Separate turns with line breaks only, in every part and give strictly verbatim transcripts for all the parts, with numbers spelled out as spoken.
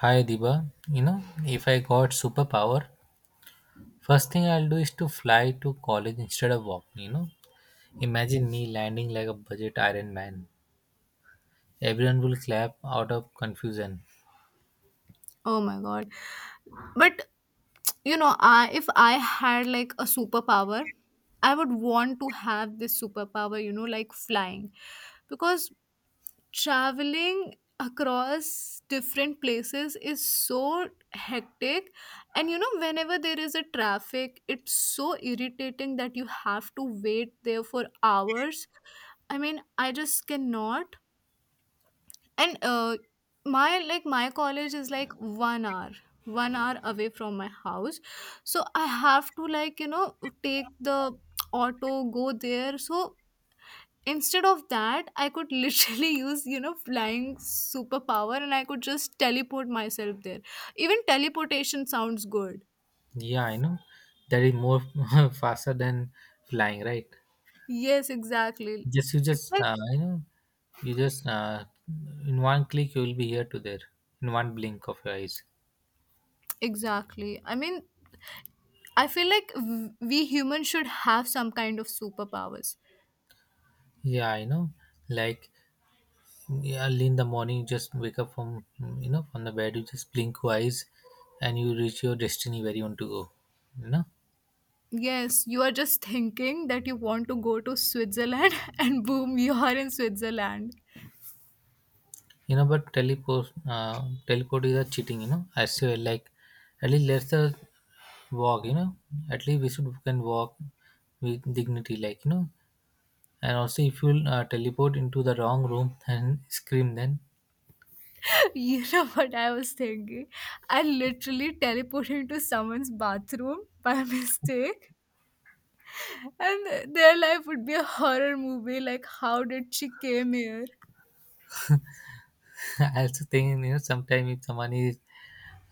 Hi Diba, you know, if I got superpower, first thing I'll do is to fly to college instead of walking, you know. Imagine me landing like a budget Iron Man. Everyone will clap out of confusion.
Oh my god. But you know, I if I had like a superpower, I would want to have this superpower, you know, like flying. Because traveling across different places is so hectic, and you know whenever there is a traffic it's so irritating that you have to wait there for hours. I mean I just cannot. And uh, my like my college is like one hour, one hour away from my house, so I have to, like, you know, take the auto, go there. So instead of that, I could literally use, you know, flying superpower, and I could just teleport myself there. Even teleportation sounds good.
Yeah, I know. That is more faster than flying, right?
Yes, exactly,
Just you just uh, you know, you just uh, In one click you will be here to there in one blink of your eyes.
exactly. I mean, I feel like w- we humans should have some kind of superpowers.
Yeah, I know. Like, yeah, early in the morning, you just wake up from you know from the bed. You just blink your eyes, and you reach your destiny where you want to go. You know,
Yes, you are just thinking that you want to go to Switzerland and boom, you are in Switzerland.
you know. But teleport, uh, teleport is a cheating. You know, I say like at least let's uh, walk. You know, at least we should can walk with dignity. Like, you know, and also if you uh, teleport into the wrong room and scream, then
You know what I was thinking? I literally teleported into someone's bathroom by mistake, and their life would be a horror movie, like how did she came here?
I also think, you know, sometimes if someone is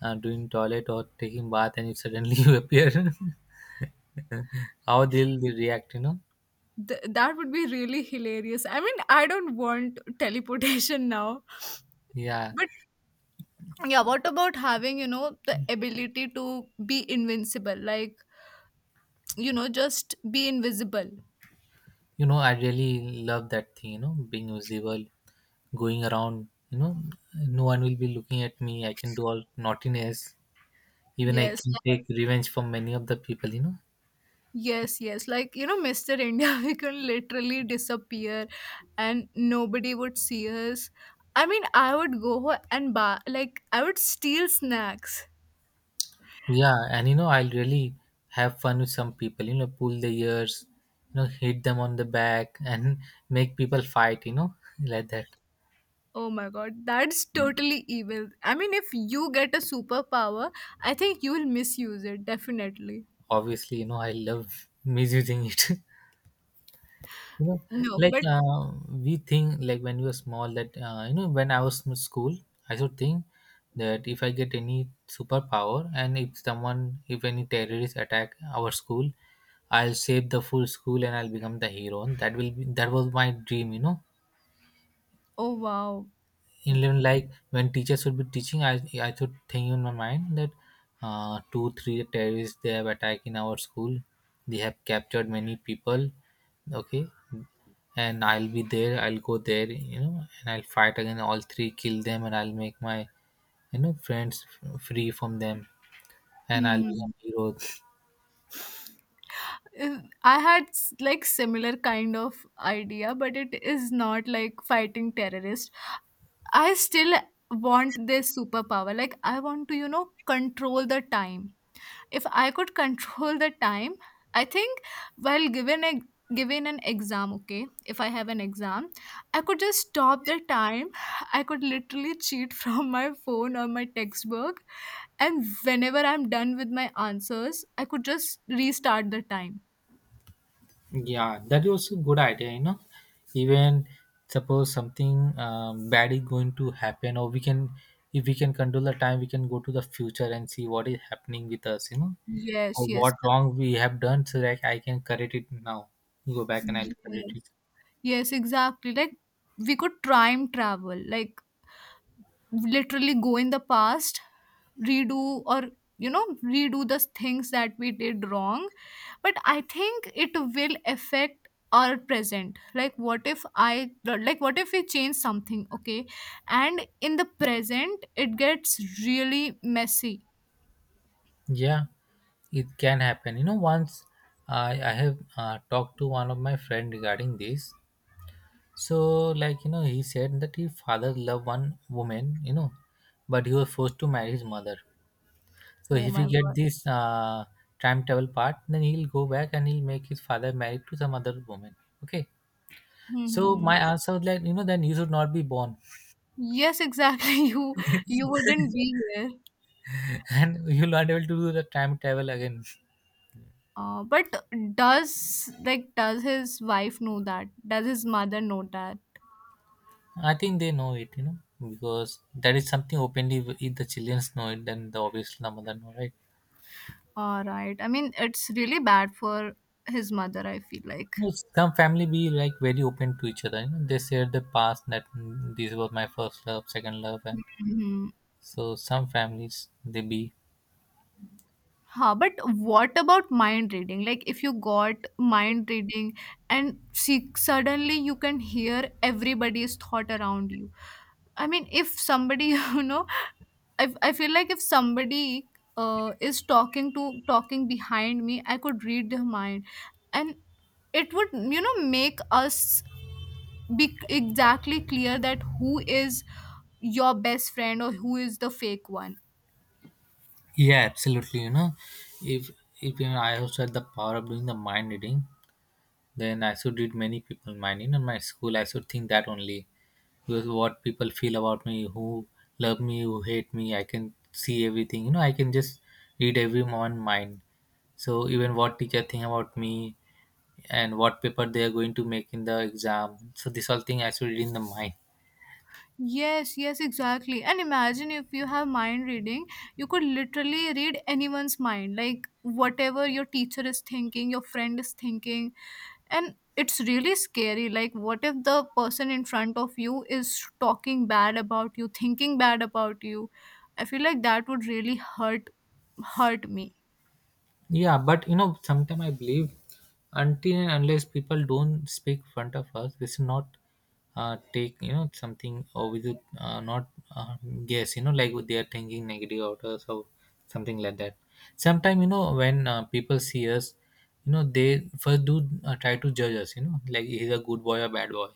uh, doing toilet or taking bath and you suddenly you appear, how they'll they react? You know,
Th- that would be really hilarious. I mean, I don't want teleportation now,
yeah.
but yeah, what about having, you know, the ability to be invincible? Like, you know, just be invisible.
You know, I really love that thing. You know, being visible, going around. You know, no one will be looking at me. I can do all naughtiness. Even I
Yes,
can
like-
take revenge from many of the people. You know,
yes, yes. Like, you know, Mister India, we can literally disappear and nobody would see us. I mean, I would go and buy, like, I would steal snacks.
yeah, and you know, I'll really have fun with some people, you know, pull their ears, you know, hit them on the back and make people fight, you know, like that.
Oh my god, that's totally evil. I mean, if you get a superpower, I think you will misuse it, definitely.
Obviously, you know, I love misusing it. You know,
No,
like
but
uh, we think, like when we were small, that, uh, you know, when I was in school, I should think that if I get any superpower and if someone, if any terrorists attack our school, I'll save the full school and I'll become the hero. That will be, that was my dream, you know,
oh wow.
in even like when teachers would be teaching, i i should think in my mind that uh, two three terrorists they have attacked in our school, they have captured many people, okay, and I'll be there, I'll go there, you know, and I'll fight again all three, kill them, and I'll make my, you know, friends f- free from them, and I'll
Hmm.
become hero.
Uh, I had s- like similar kind of idea, but it is not like fighting terrorists. I still want this superpower. Like, I want to, you know, control the time. If I could control the time, I think while given a given an exam, okay, if I have an exam, I could just stop the time. I could literally cheat from my phone or my textbook, and whenever I'm done with my answers, I could just restart the time.
Yeah, that was a good idea, you know. Even suppose something um, bad is going to happen, or we can, if we can control the time, we can go to the future and see what is happening with us, you know,
Yes,
or
yes,
what wrong we have done, so that I can correct it now. Go back and I'll correct
yes,
it.
yes, exactly. Like we could time travel. Like literally go in the past, redo, or you know, redo the things that we did wrong. But I think it will affect our present. Like what if I like what if we change something, okay, and in the present it gets really messy.
Yeah, it can happen. You know, once I I have uh, talked to one of my friend regarding this. So, like, you know, he said that his father loved one woman, you know, but he was forced to marry his mother. So
Oh
if
my
he get
god.
this uh, time travel part, then he'll go back and he'll make his father married to some other woman. Okay.
Hmm,
So
hmm, hmm.
my answer was like, you know, then you should not be born,
Yes, exactly. You you wouldn't be here.
and you'll not able to do the time travel again.
uh, but does, like, does his wife know that, does his mother know that?
I think they know it, you know, because that is something openly. If the children know it, then the obviously the mother know, right?
Alright. I mean, it's really bad for his mother, I feel like.
No, some family be like very open to each other. You know? They share the past that mm, this was my first love, second love, and
Mhm.
so some families they be
Huh, but what about mind reading? Like, if you got mind reading and see, suddenly you can hear everybody's thought around you. I mean, if somebody, you know, I, I feel like if somebody uh, is talking to talking behind me, I could read their mind, and it would, you know, make us be exactly clear that who is your best friend or who is the fake one.
yeah, absolutely. You know, if if you know, I also had the power of doing the mind reading, then I should read many people mind. You know, in my school, I should think that only because what people feel about me, who love me, who hate me, I can see everything. You know, I can just read everyone mind. So even what teacher think about me and what paper they are going to make in the exam. So this all thing I should read in the mind.
Yes, yes, exactly. And imagine if you have mind reading, you could literally read anyone's mind, like whatever your teacher is thinking, your friend is thinking. And it's really scary, like what if the person in front of you is talking bad about you, thinking bad about you? I feel like that would really hurt hurt me.
Yeah, but you know, sometimes I believe until and unless people don't speak front of us, we should not uh, take, you know, something or we should uh, not uh, guess. You know, like what they are thinking negative about us or something like that. Sometimes, you know, when uh, people see us, you know they first do uh, try to judge us. You know, like he's a good boy or bad boy.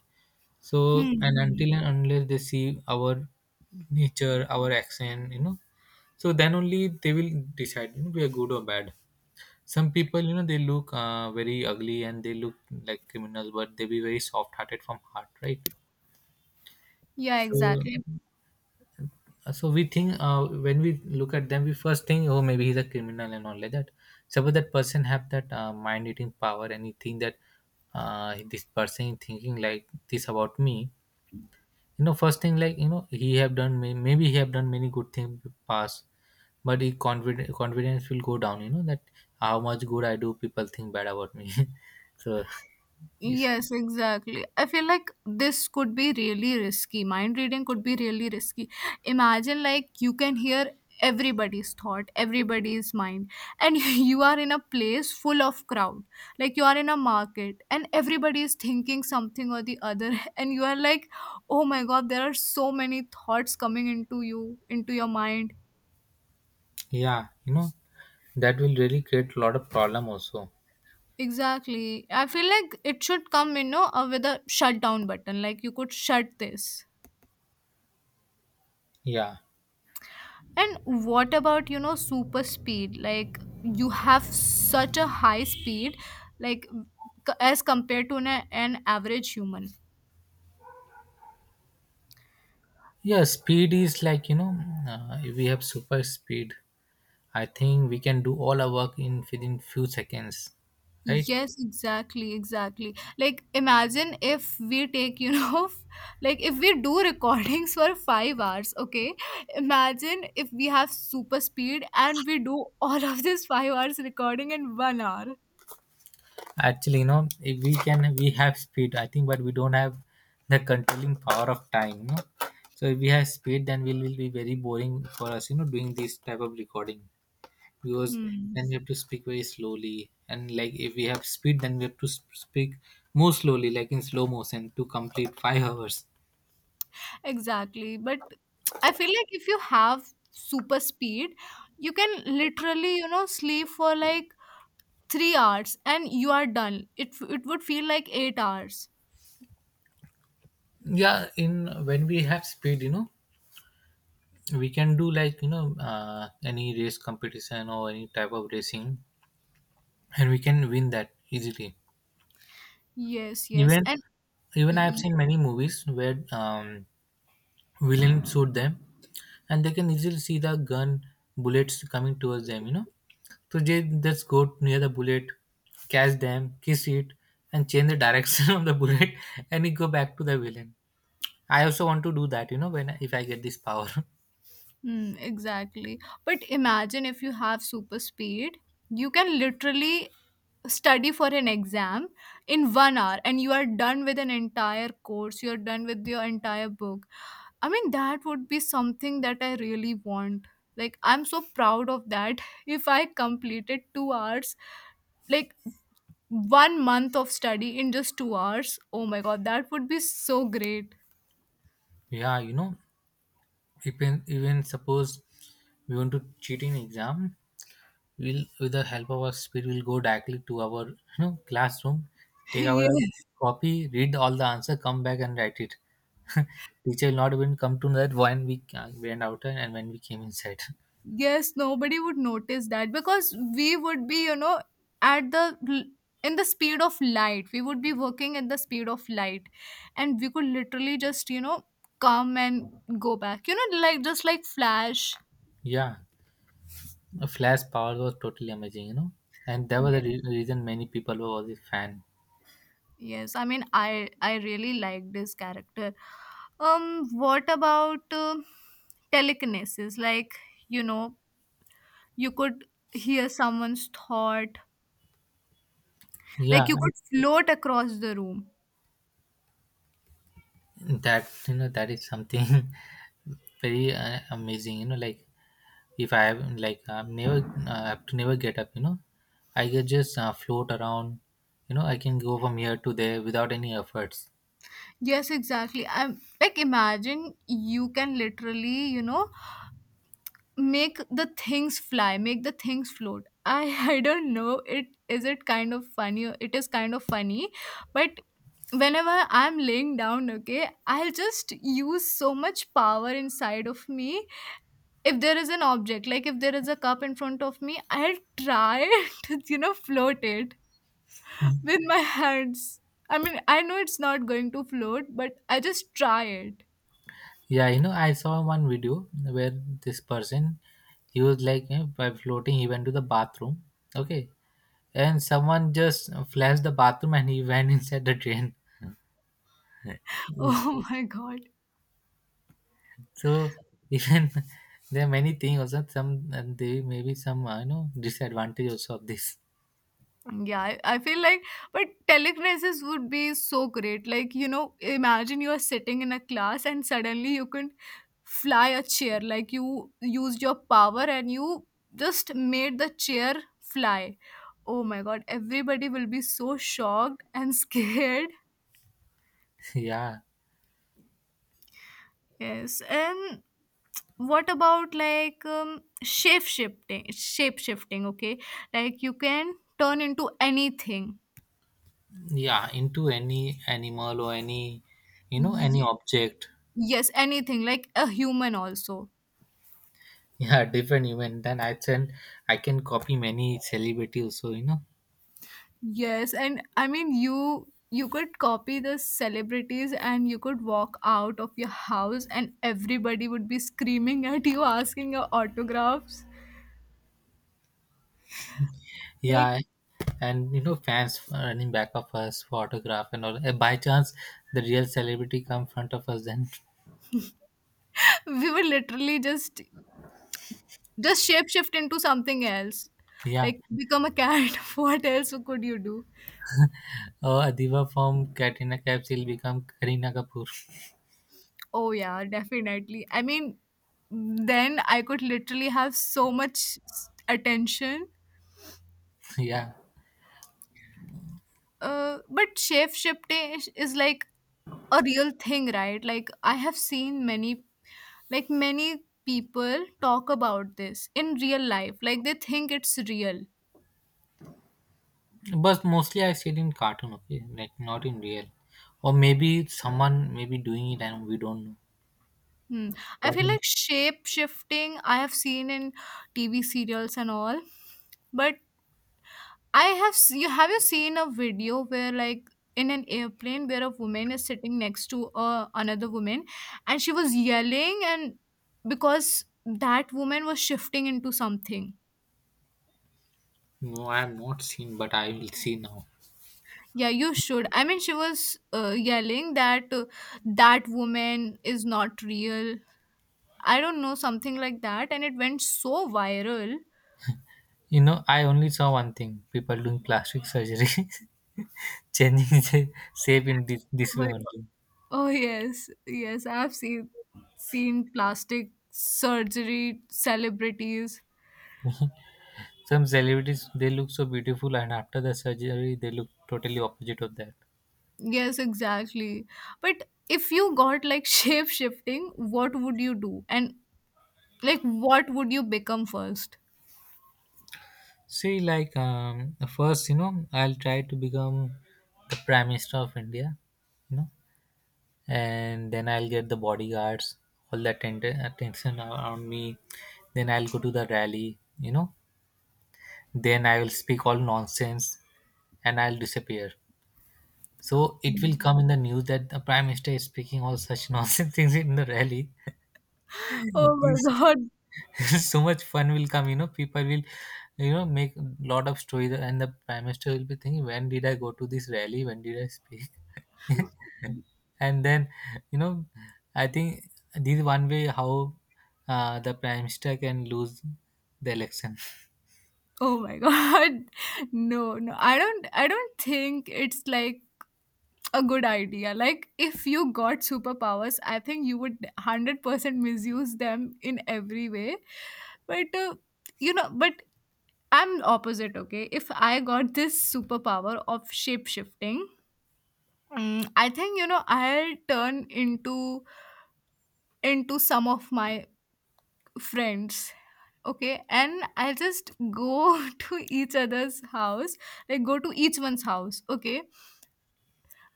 So and
Hmm.
until and unless they see our nature, our accent, you know, so then only they will decide, you know, we are good or bad. Some people, you know, they look uh, very ugly and they look like criminals, but they be very soft-hearted from heart, right?
Yeah,
So,
exactly.
uh, so we think uh, when we look at them, we first think, oh, maybe he's a criminal and all like that. Suppose that person have that uh, mind-eating power and he think that uh, this person is thinking like this about me, you know, first thing, like, you know, he have done may- maybe he have done many good things past, but the confidence confidence will go down, you know, that how much good I do, people think bad about me. So if
Yes, exactly. I feel like this could be really risky. Mind reading could be really risky. Imagine, like, you can hear everybody's thought, everybody's mind, and you are in a place full of crowd. Like you are in a market and everybody is thinking something or the other, and you are like, "Oh my god, there are so many thoughts coming into you, into your mind."
yeah, you know, that will really create a lot of problem also.
Exactly. I feel like it should come, you know, uh, with a shutdown button. Like you could shut this.
Yeah,
And what about, you know, super speed? Like, you have such a high speed, like, c- as compared to an, an average human.
yeah, speed is like, you know, uh, if we have super speed, I think we can do all our work in within few seconds, right?
Yes, exactly, exactly. Like, imagine if we take, you know, like, if we do recordings for five hours, okay? Imagine if we have super speed and we do all of this five hours recording in one hour.
Actually, you know, if we can, we have speed, I think, but we don't have the controlling power of time, you know. So if we have speed, then we will be very boring for us, you know, doing this type of recording, because
Hmm.
then we have to speak very slowly. And like if we have speed, then we have to sp- speak more slowly, like in slow motion, to complete five hours.
Exactly. But I feel like if you have super speed, you can literally, you know, sleep for like three hours and you are done. It it would feel like eight hours.
Yeah, in when we have speed, you know, we can do like, you know, uh, any race competition or any type of racing, and we can win that easily.
Yes, yes.
Even
And
even I've seen many movies where um, villains shoot them, and they can easily see the gun bullets coming towards them. You know, so they just go near the bullet, catch them, kiss it, and change the direction of the bullet, and it go back to the villain. I also want to do that. You know, when if I get this power.
hmm, exactly. But imagine if you have super speed, you can literally study for an exam in one hour and you are done with an entire course, you're done with your entire book. I mean, that would be something that I really want. Like, I'm so proud of that. If I completed two hours, like one month of study in just two hours, oh my god, that would be so great.
Yeah, you know, even even suppose we want to cheat in exam, we'll with the help of our spirit we'll go directly to our, you know, classroom, take our
Yeah.
copy, read all the answer, come back and write it. Teacher will not even come to know that when we ca- went out and when we came inside.
Yes, nobody would notice that because we would be, you know, at the l- in the speed of light, we would be working at the speed of light, and we could literally just, you know, come and go back, you know, like just like flash.
Yeah, a flash power was totally amazing, you know, and that was
Yeah.
the re- reason many people were always fan.
Yes, I mean i i really like this character. Um, what about uh, telekinesis, like, you know, you could hear someone's thought, like
Yeah,
you could float across the room.
that, you know, that is something very uh, amazing, you know. Like, if I have, like, I'm never uh, have to never get up, you know, I can just uh, float around. You know, I can go from here to there without any efforts.
Yes, exactly. I'm like, imagine you can literally, you know, make the things fly, make the things float. I I don't know. It is, it kind of funny. It is kind of funny, but whenever I'm laying down, okay, I'll just use so much power inside of me. If there is an object, like if there is a cup in front of me, I'll try to, you know, float it
Mm.
with my hands. I mean, I know it's not going to float, but I just try it.
Yeah, you know, I saw one video where this person, he was like, you know, by floating. He went to the bathroom. Okay, and someone just flashed the bathroom and he went inside the drain.
Oh my God.
So even there are many things also. Some and they maybe some, uh, you know, disadvantage also of this.
Yeah, I, I feel like, but telekinesis would be so great. Like, you know, imagine you are sitting in a class and suddenly you can fly a chair. Like, you used your power and you just made the chair fly. Oh my God. Everybody will be so shocked and scared.
Yeah.
Yes. And what about, like, um, shape shifting? Shape shifting, okay? Like, you can turn into anything.
Yeah, into any animal or any, you know, any object.
Yes, anything, like a human also.
Yeah, different event. Then I can I can copy many celebrity also, you know.
Yes, and I mean, you you could copy the celebrities and you could walk out of your house and everybody would be screaming at you asking your autographs. Like,
Yeah, and you know, fans running back of us for autograph and all. Uh, by chance the real celebrity come front of us then
we would literally just just shape shift into something else.
yeah,
Like become a cat. What else could you do?
uh, adiva from katrina kaif will become karina kapoor.
Oh yeah, definitely. I mean, then I could literally have so much s- attention.
Yeah,
Uh, but shape shifting is like a real thing, right? Like I have seen many, like many people talk about this in real life. Like they think it's real.
but mostly I see it in cartoon, okay, like not in real, or maybe someone maybe doing it and we don't know.
Hmm. I
What?
feel like shape shifting I have seen in T V serials and all, but I have s- you have, you seen a video where, like, in an airplane where a woman is sitting next to uh, another woman, and she was yelling and because that woman was shifting into something.
No, I have not seen, but I will see now.
Yeah, you should. I mean, she was uh, yelling that uh, that woman is not real. I don't know, something like that, and it went so viral.
You know, I only saw one thing: people doing plastic surgery, changing the shape in this, this
Oh,
way only.
oh yes, yes, I have seen seen plastic surgery celebrities.
Some celebrities they look so beautiful, and after the surgery, they look totally opposite of that.
Yes, exactly. But if you got like shape shifting, what would you do? And like, what would you become first?
See, like um, first, you know, I'll try to become the prime minister of India, you know, and then I'll get the bodyguards, all the atten- attention around me. Then I'll go to the rally, you know, then I will speak all nonsense and I'll disappear. So it will
Mm.
come in the news that the prime minister is speaking all such nonsense things in the rally.
Oh my
It's-
god.
so much fun will come, you know. People will, you know, make lot of stories, and the prime minister will be thinking, when did I go to this rally? When did I speak? and then, you know, I think this is one way how uh, the prime minister can lose the election.
Oh my god. No, no. I don't, I don't think it's like a good idea. Like if you got superpowers, I think you would one hundred percent misuse them in every way. But uh, you know, but I'm opposite, okay? If I got this superpower of shape shifting, mm, I think, you know, I'll turn into into some of my friends. Okay, and I'll just go to each other's house, like go to each one's house. Okay,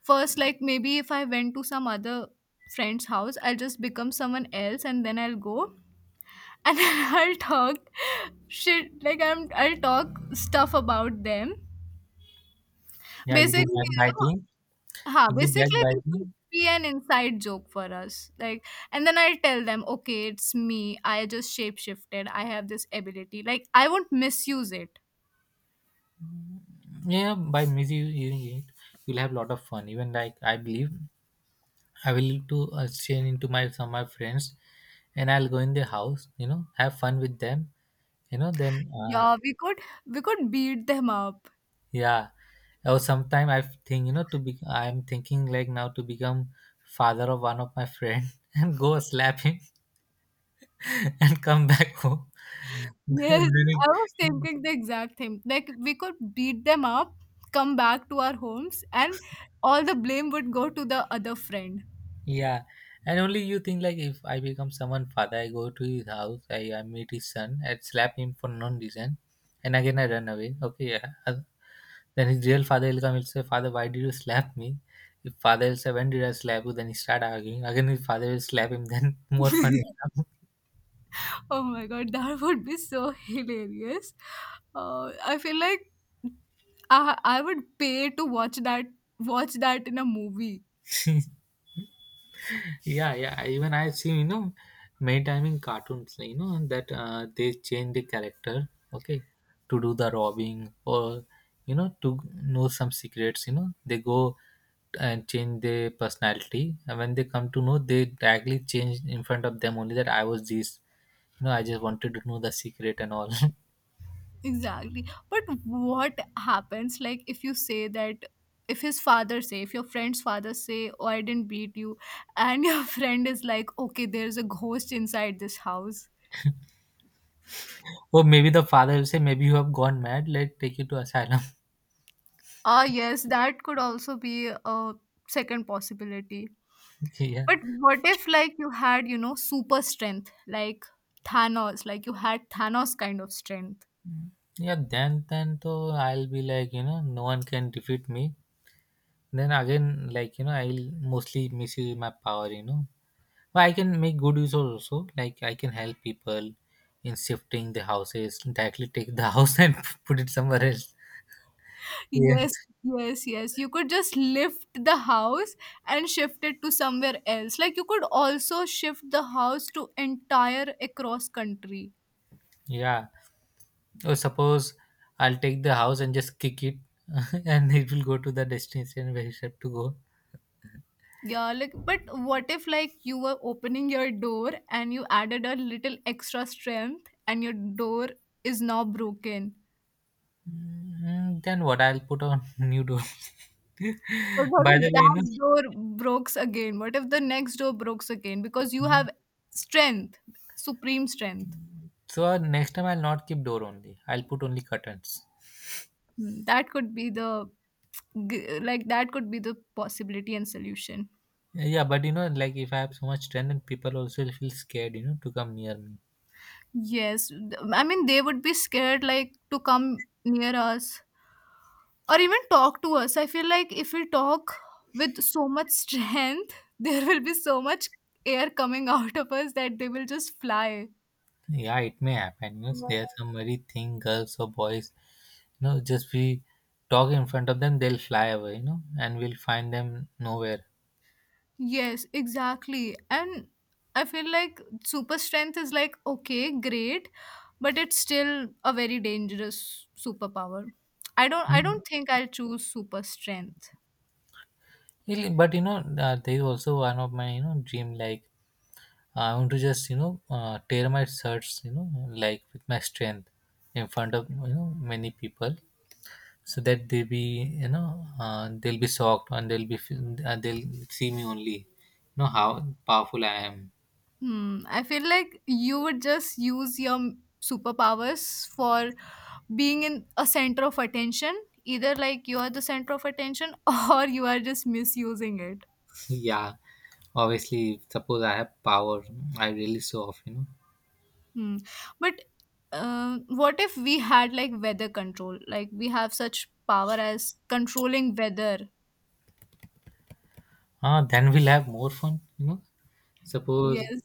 first, like maybe if I went to some other friend's house, I'll just become someone else, and then I'll go and then I'll talk shit. Like I'm, I'll talk stuff about them.
Yeah, you
Basically,
do
you know,
backbiting.
huh,
You'll be back
basically
by
this would
me.
be an inside joke for us. Like, and then I'll tell them, okay, it's me. I just shapeshifted. I have this ability. Like I won't misuse it.
Yeah by busy it. You'll have a lot of fun. Even like I believe I will to uh, change into my some of my friends, and I'll go in their house. You know, have fun with them. You know, then uh,
Yeah, we could we could beat them up.
yeah. Or sometime I think you know to be. I'm thinking like now to become father of one of my friend and go slap him and come back home.
Yes,
Then.
I was thinking the exact thing. Like we could beat them up, come back to our homes, and all the blame would go to the other friend.
Yeah, and only you think like if I become someone father, I go to his house, I, I meet his son, I slap him for no reason, and again I run away. Okay, yeah. Uh, Then his real father will come. He'll say, "Father, why did you slap me?" If father will say, "When did I slap you?" Then he start arguing. Again, his father will slap him. Then more fun will come.
Oh my god, that would be so hilarious. Uh, I feel like I I would pay to watch that watch that in a movie.
Yeah, yeah. I- Even I see, you know, many time in cartoons, like, you know, that uh, they change the character. Okay, to do the robbing or you know to know some secrets. You know, they go and change their personality, and when they come to know, they directly change in front of them only that I was this, you know, I just wanted to know the secret and all.
Exactly. But what happens like if you say that if his father say if your friend's father say, "Oh, I didn't beat you," and your friend is like, "Okay, there's a ghost inside this house."
Or maybe the father will say maybe you have gone mad, let's take you to asylum.
Ah yes, that could also be a second possibility.
Yeah,
But what if like you had, you know, super strength like Thanos, like you had Thanos kind of strength?
yeah, then then though I'll be like, you know, no one can defeat me. Then again, like, you know, I'll mostly misuse my power, you know, but I can make good use also, like I can help people in shifting the houses, directly take the house and put it somewhere else. Yeah,
Yes, yes, yes. You could just lift the house and shift it to somewhere else. Like you could also shift the house to entire across country.
yeah. Or suppose I'll take the house and just kick it, and it will go to the destination where it's have to go.
Yeah, like but what if like you were opening your door and you added a little extra strength and your door is now broken?
Mm, then what? I'll put on new door.
But what
By the
if
way, you
that door breaks again? What if the next door breaks again? Because you
know.
have strength, supreme strength.
So uh, next time I'll not keep door only. I'll put only curtains.
Hmm. That could be the G- like that could be the possibility and solution.
Yeah, but you know, like if I have so much strength, then people also feel scared, you know, to come near me.
Yes, th- I mean they would be scared like to come near us or even talk to us. I feel like if we talk with so much strength, there will be so much air coming out of us that they will just fly.
Yeah, it may happen. You know, there are some very thin girls or boys. You know, just we talk in front of them, they'll fly away. You know, and we'll find them nowhere.
Yes, exactly. And I feel like super strength is like, okay, great, but it's still a very dangerous superpower. I don't I
Mm.
don't think I'll choose super strength.
Really, but you know, uh, there is also one of my you know dream. Like I want to just you know uh, tear my shirts, you know, like with my strength in front of you know many people, so that they be you know uh, they'll be shocked, and they'll be feel- uh, they'll see me only, you know how powerful I am.
Hmm. I feel like you would just use your m- superpowers for being in a center of attention. Either like you are the center of attention or you are just misusing it.
Yeah, obviously, suppose I have power, I really show off, you know.
Hmm. But um, what if we had like weather control? Like we have such power as controlling weather.
Ah, then we'll have more fun, you know. Suppose
Yes.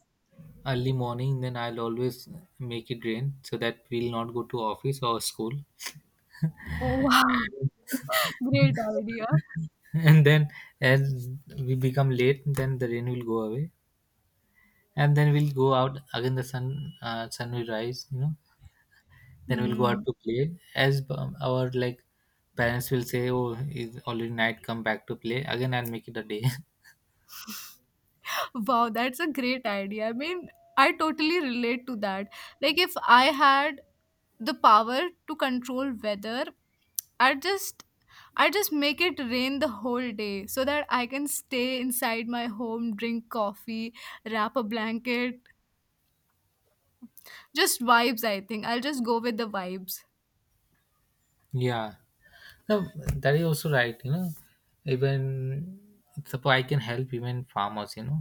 early morning then I'll always make it rain so that we'll not go to office or school.
Oh wow. Great idea.
And then as we become late, then the rain will go away, and then we'll go out again, the sun uh, sun will rise, you know. Then we'll go out
Hmm.
to play as um, our like parents will say oh it's already night, come back to play, again I'll make it a day.
Wow, that's a great idea. I mean, I totally relate to that. Like if I had the power to control weather, i just i just make it rain the whole day so that I can stay inside my home, drink coffee, wrap a blanket, just vibes. I think I'll just go with the vibes.
Yeah. No, that is also right. You know, even suppose I can help even farmers. You know,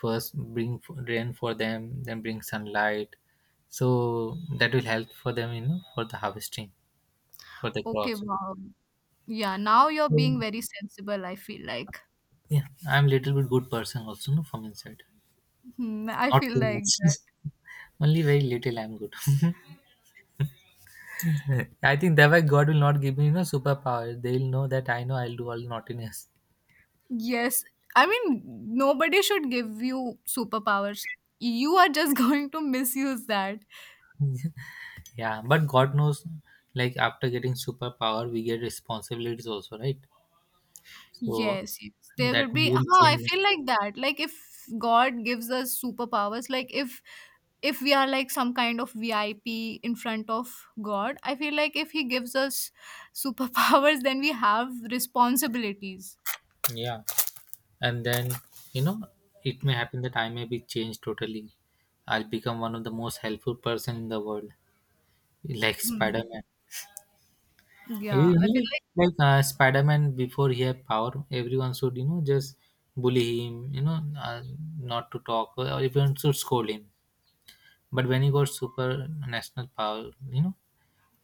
first bring f- rain for them, then bring sunlight. So that will help for them. You know, for the harvesting for the
Okay,
crops.
wow. Yeah, now you're being
Mm.
very sensible, I feel like.
Yeah, I'm little bit good person also. No, from inside,
Hmm, I
not
feel
too
like
much.
that.
Only very little I'm good. I think that why God will not give me you know superpower. They will know that I know I'll do all naughtiness.
Yes, I mean, nobody should give you superpowers. You are just going to misuse that.
Yeah, but God knows, like after getting superpower, we get responsibilities also, right? So
Yes, yes. There will
that
be
will not
huh, I
change me.
feel like that. Like if God gives us superpowers, like if if we are like some kind of V I P in front of God, I feel like if he gives us superpowers, then we have responsibilities.
Yeah, and then you know, it may happen that I may be changed totally. I'll become one of the most helpful person in the world, like Spider
Hmm.
Man.
Yeah,
You
I feel
know,
like
like uh, Spider Man, before he had power, everyone should you know just bully him, you know, uh, not to talk, or everyone should scold him. But when he got super national power, you know.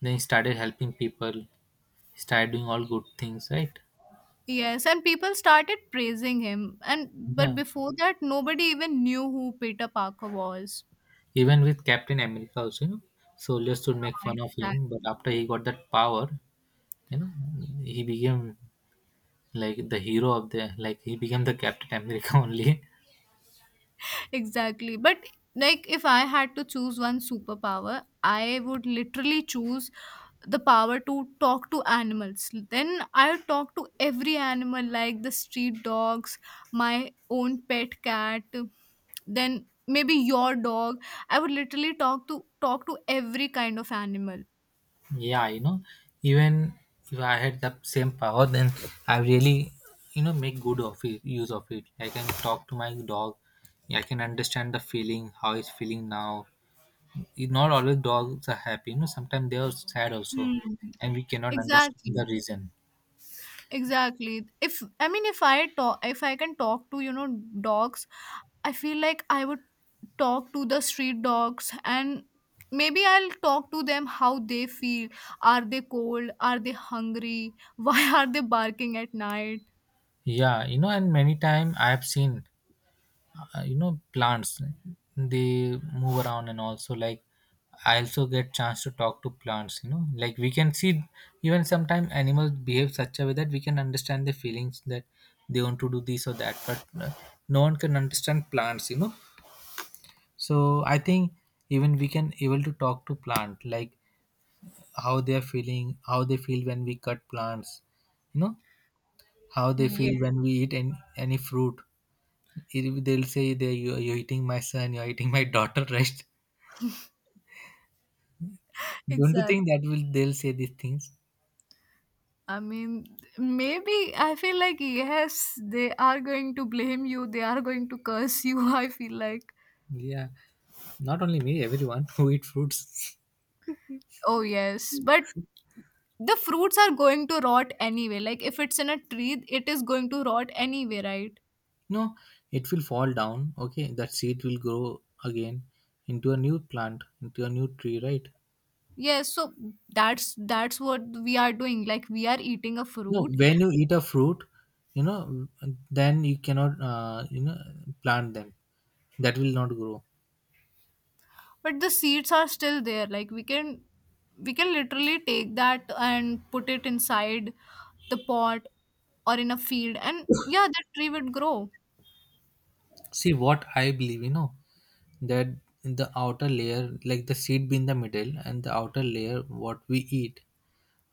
Then he started helping people. He started doing all good things, right?
yes, and people started praising him, and but
Yeah.
before that, nobody even knew who Peter Parker was.
Even with Captain America also, you know, soldiers would make fun of
Right.
him, but after he got that power, you know, he became like the hero of the like he became the Captain America only.
Exactly. But like if I had to choose one superpower, I would literally choose the power to talk to animals. Then I would talk to every animal like the street dogs, my own pet cat, then maybe your dog. I would literally talk to talk to every kind of animal.
Yeah, you know, even if I had the same power, then I really, you know, make good of it, use of it. I can talk to my dog. I can understand the feeling, how he's feeling now. It- not always dogs are happy, you know, sometimes they are sad also,
Hmm.
and we cannot understand the
Exactly.
reason.
Exactly. If I mean if I talk if I can talk to, you know, dogs, I feel like I would talk to the street dogs and maybe I'll talk to them how they feel. Are they cold? Are they hungry? Why are they barking at night?
Yeah, you know, and many time I have seen uh, you know plants, they move around, and also like I also get chance to talk to plants, you know, like we can see even sometimes animals behave such a way that we can understand the feelings that they want to do this or that, but uh, no one can understand plants, you know. So I think even we can able to talk to plant, like how they're feeling, how they feel when we cut plants, you know, how they
Yeah.
feel when we eat any, any fruit. If they'll say they you you're eating my son, you're eating my daughter, right? Don't you
Exactly.
think that will they'll say these things?
I mean, maybe I feel like yes, they are going to blame you. They are going to curse you. I feel like.
Yeah, not only me, everyone who eat fruits.
Oh yes, but the fruits are going to rot anyway. Like if it's in a tree, it is going to rot anyway, right?
No, it will fall down, okay, that seed will grow again into a new plant, into a new tree, right?
Yes, so that's that's what we are doing. Like we are eating a
No,
fruit,
when you eat a fruit, you know, then you cannot uh, you know plant them, that will not grow.
but the seeds are still there. Like we can we can literally take that and put it inside the pot or in a field and yeah, that tree would grow.
See what I believe, you know, that the outer layer, like the seed be in the middle, and the outer layer, what we eat,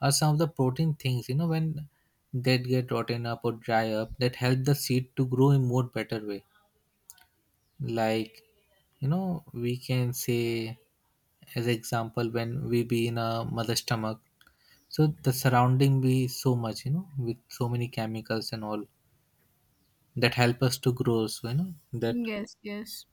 are some of the protein things, you know, when that get rotten up or dry up, that help the seed to grow in more better way. Like, you know, we can say, as example, when we be in a mother's stomach, so the surrounding be so much, you know, with so many chemicals and all that help us to grow. So you know that.
Yes, yes.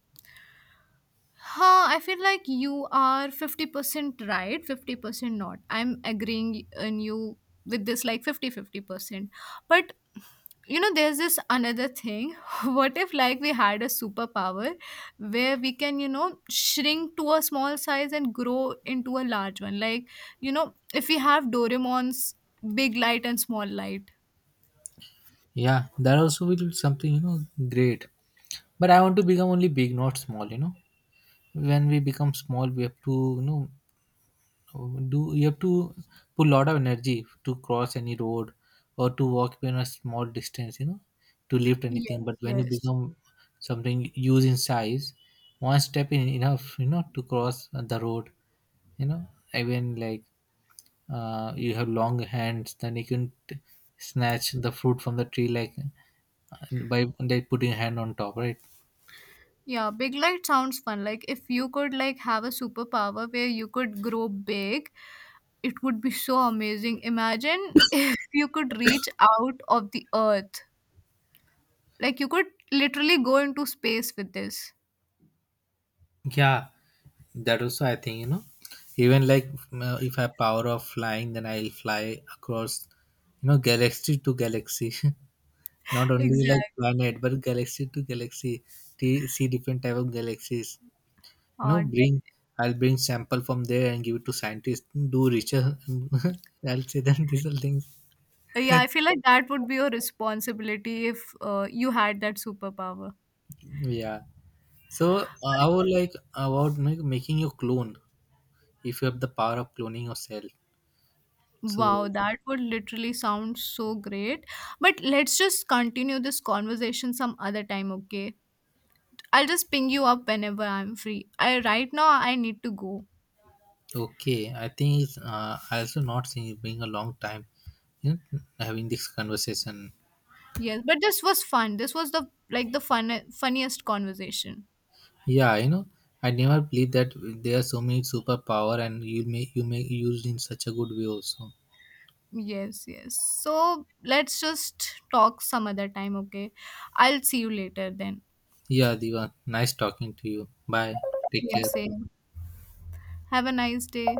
Huh, I feel like you are fifty percent right, fifty percent not. I'm agreeing on you with this like fifty-fifty percent. But you know, there's this another thing. What if like we had a superpower where we can, you know, shrink to a small size and grow into a large one? Like, you know, if we have Doraemon's big light and small light.
Yeah, that also will be something, you know, great. But I want to become only big, not small, you know. When we become small, we have to, you know, do you have to put a lot of energy to cross any road or to walk even a small distance, you know, to lift
Yes,
anything. But when you
yes.
become something huge in size, one step in enough, you know, to cross the road, you know, even like uh, you have long hands, then you can t- snatch the fruit from the tree like and by they putting hand on top, right?
Yeah, big light sounds fun. Like if you could like have a superpower where you could grow big, it would be so amazing. Imagine if you could reach out of the earth. Like you could literally go into space with this.
Yeah, that also I think you know, even like uh, if I have power of flying, then I'll fly across you know galaxy to galaxy, not only like
Exactly.
planet but galaxy to galaxy, t- see different type of galaxies, you know,
Uh,
bring I'll bring sample from there and give it to scientists, do research. I'll say that these are things.
yeah, I feel like that would be your responsibility if uh, you had that superpower.
Yeah, so uh, I would like about like making your clone, if you have the power of cloning yourself, so.
Wow, that would literally sound so great. But let's just continue this conversation some other time, okay? I'll just ping you up whenever I'm free. I right now I need to go.
Okay, I think it's, uh, I also not seen it being a long time, you know, having this conversation.
Yes, but this was fun. This was the like the fun funniest conversation.
Yeah, you know, I never believe that there are so many superpower and you may you may used in such a good way also.
Yes, yes. So let's just talk some other time, okay? I'll see you later then.
Yeah, Diva, nice talking to you. Bye. Take
Same,
care.
same. Have a nice day.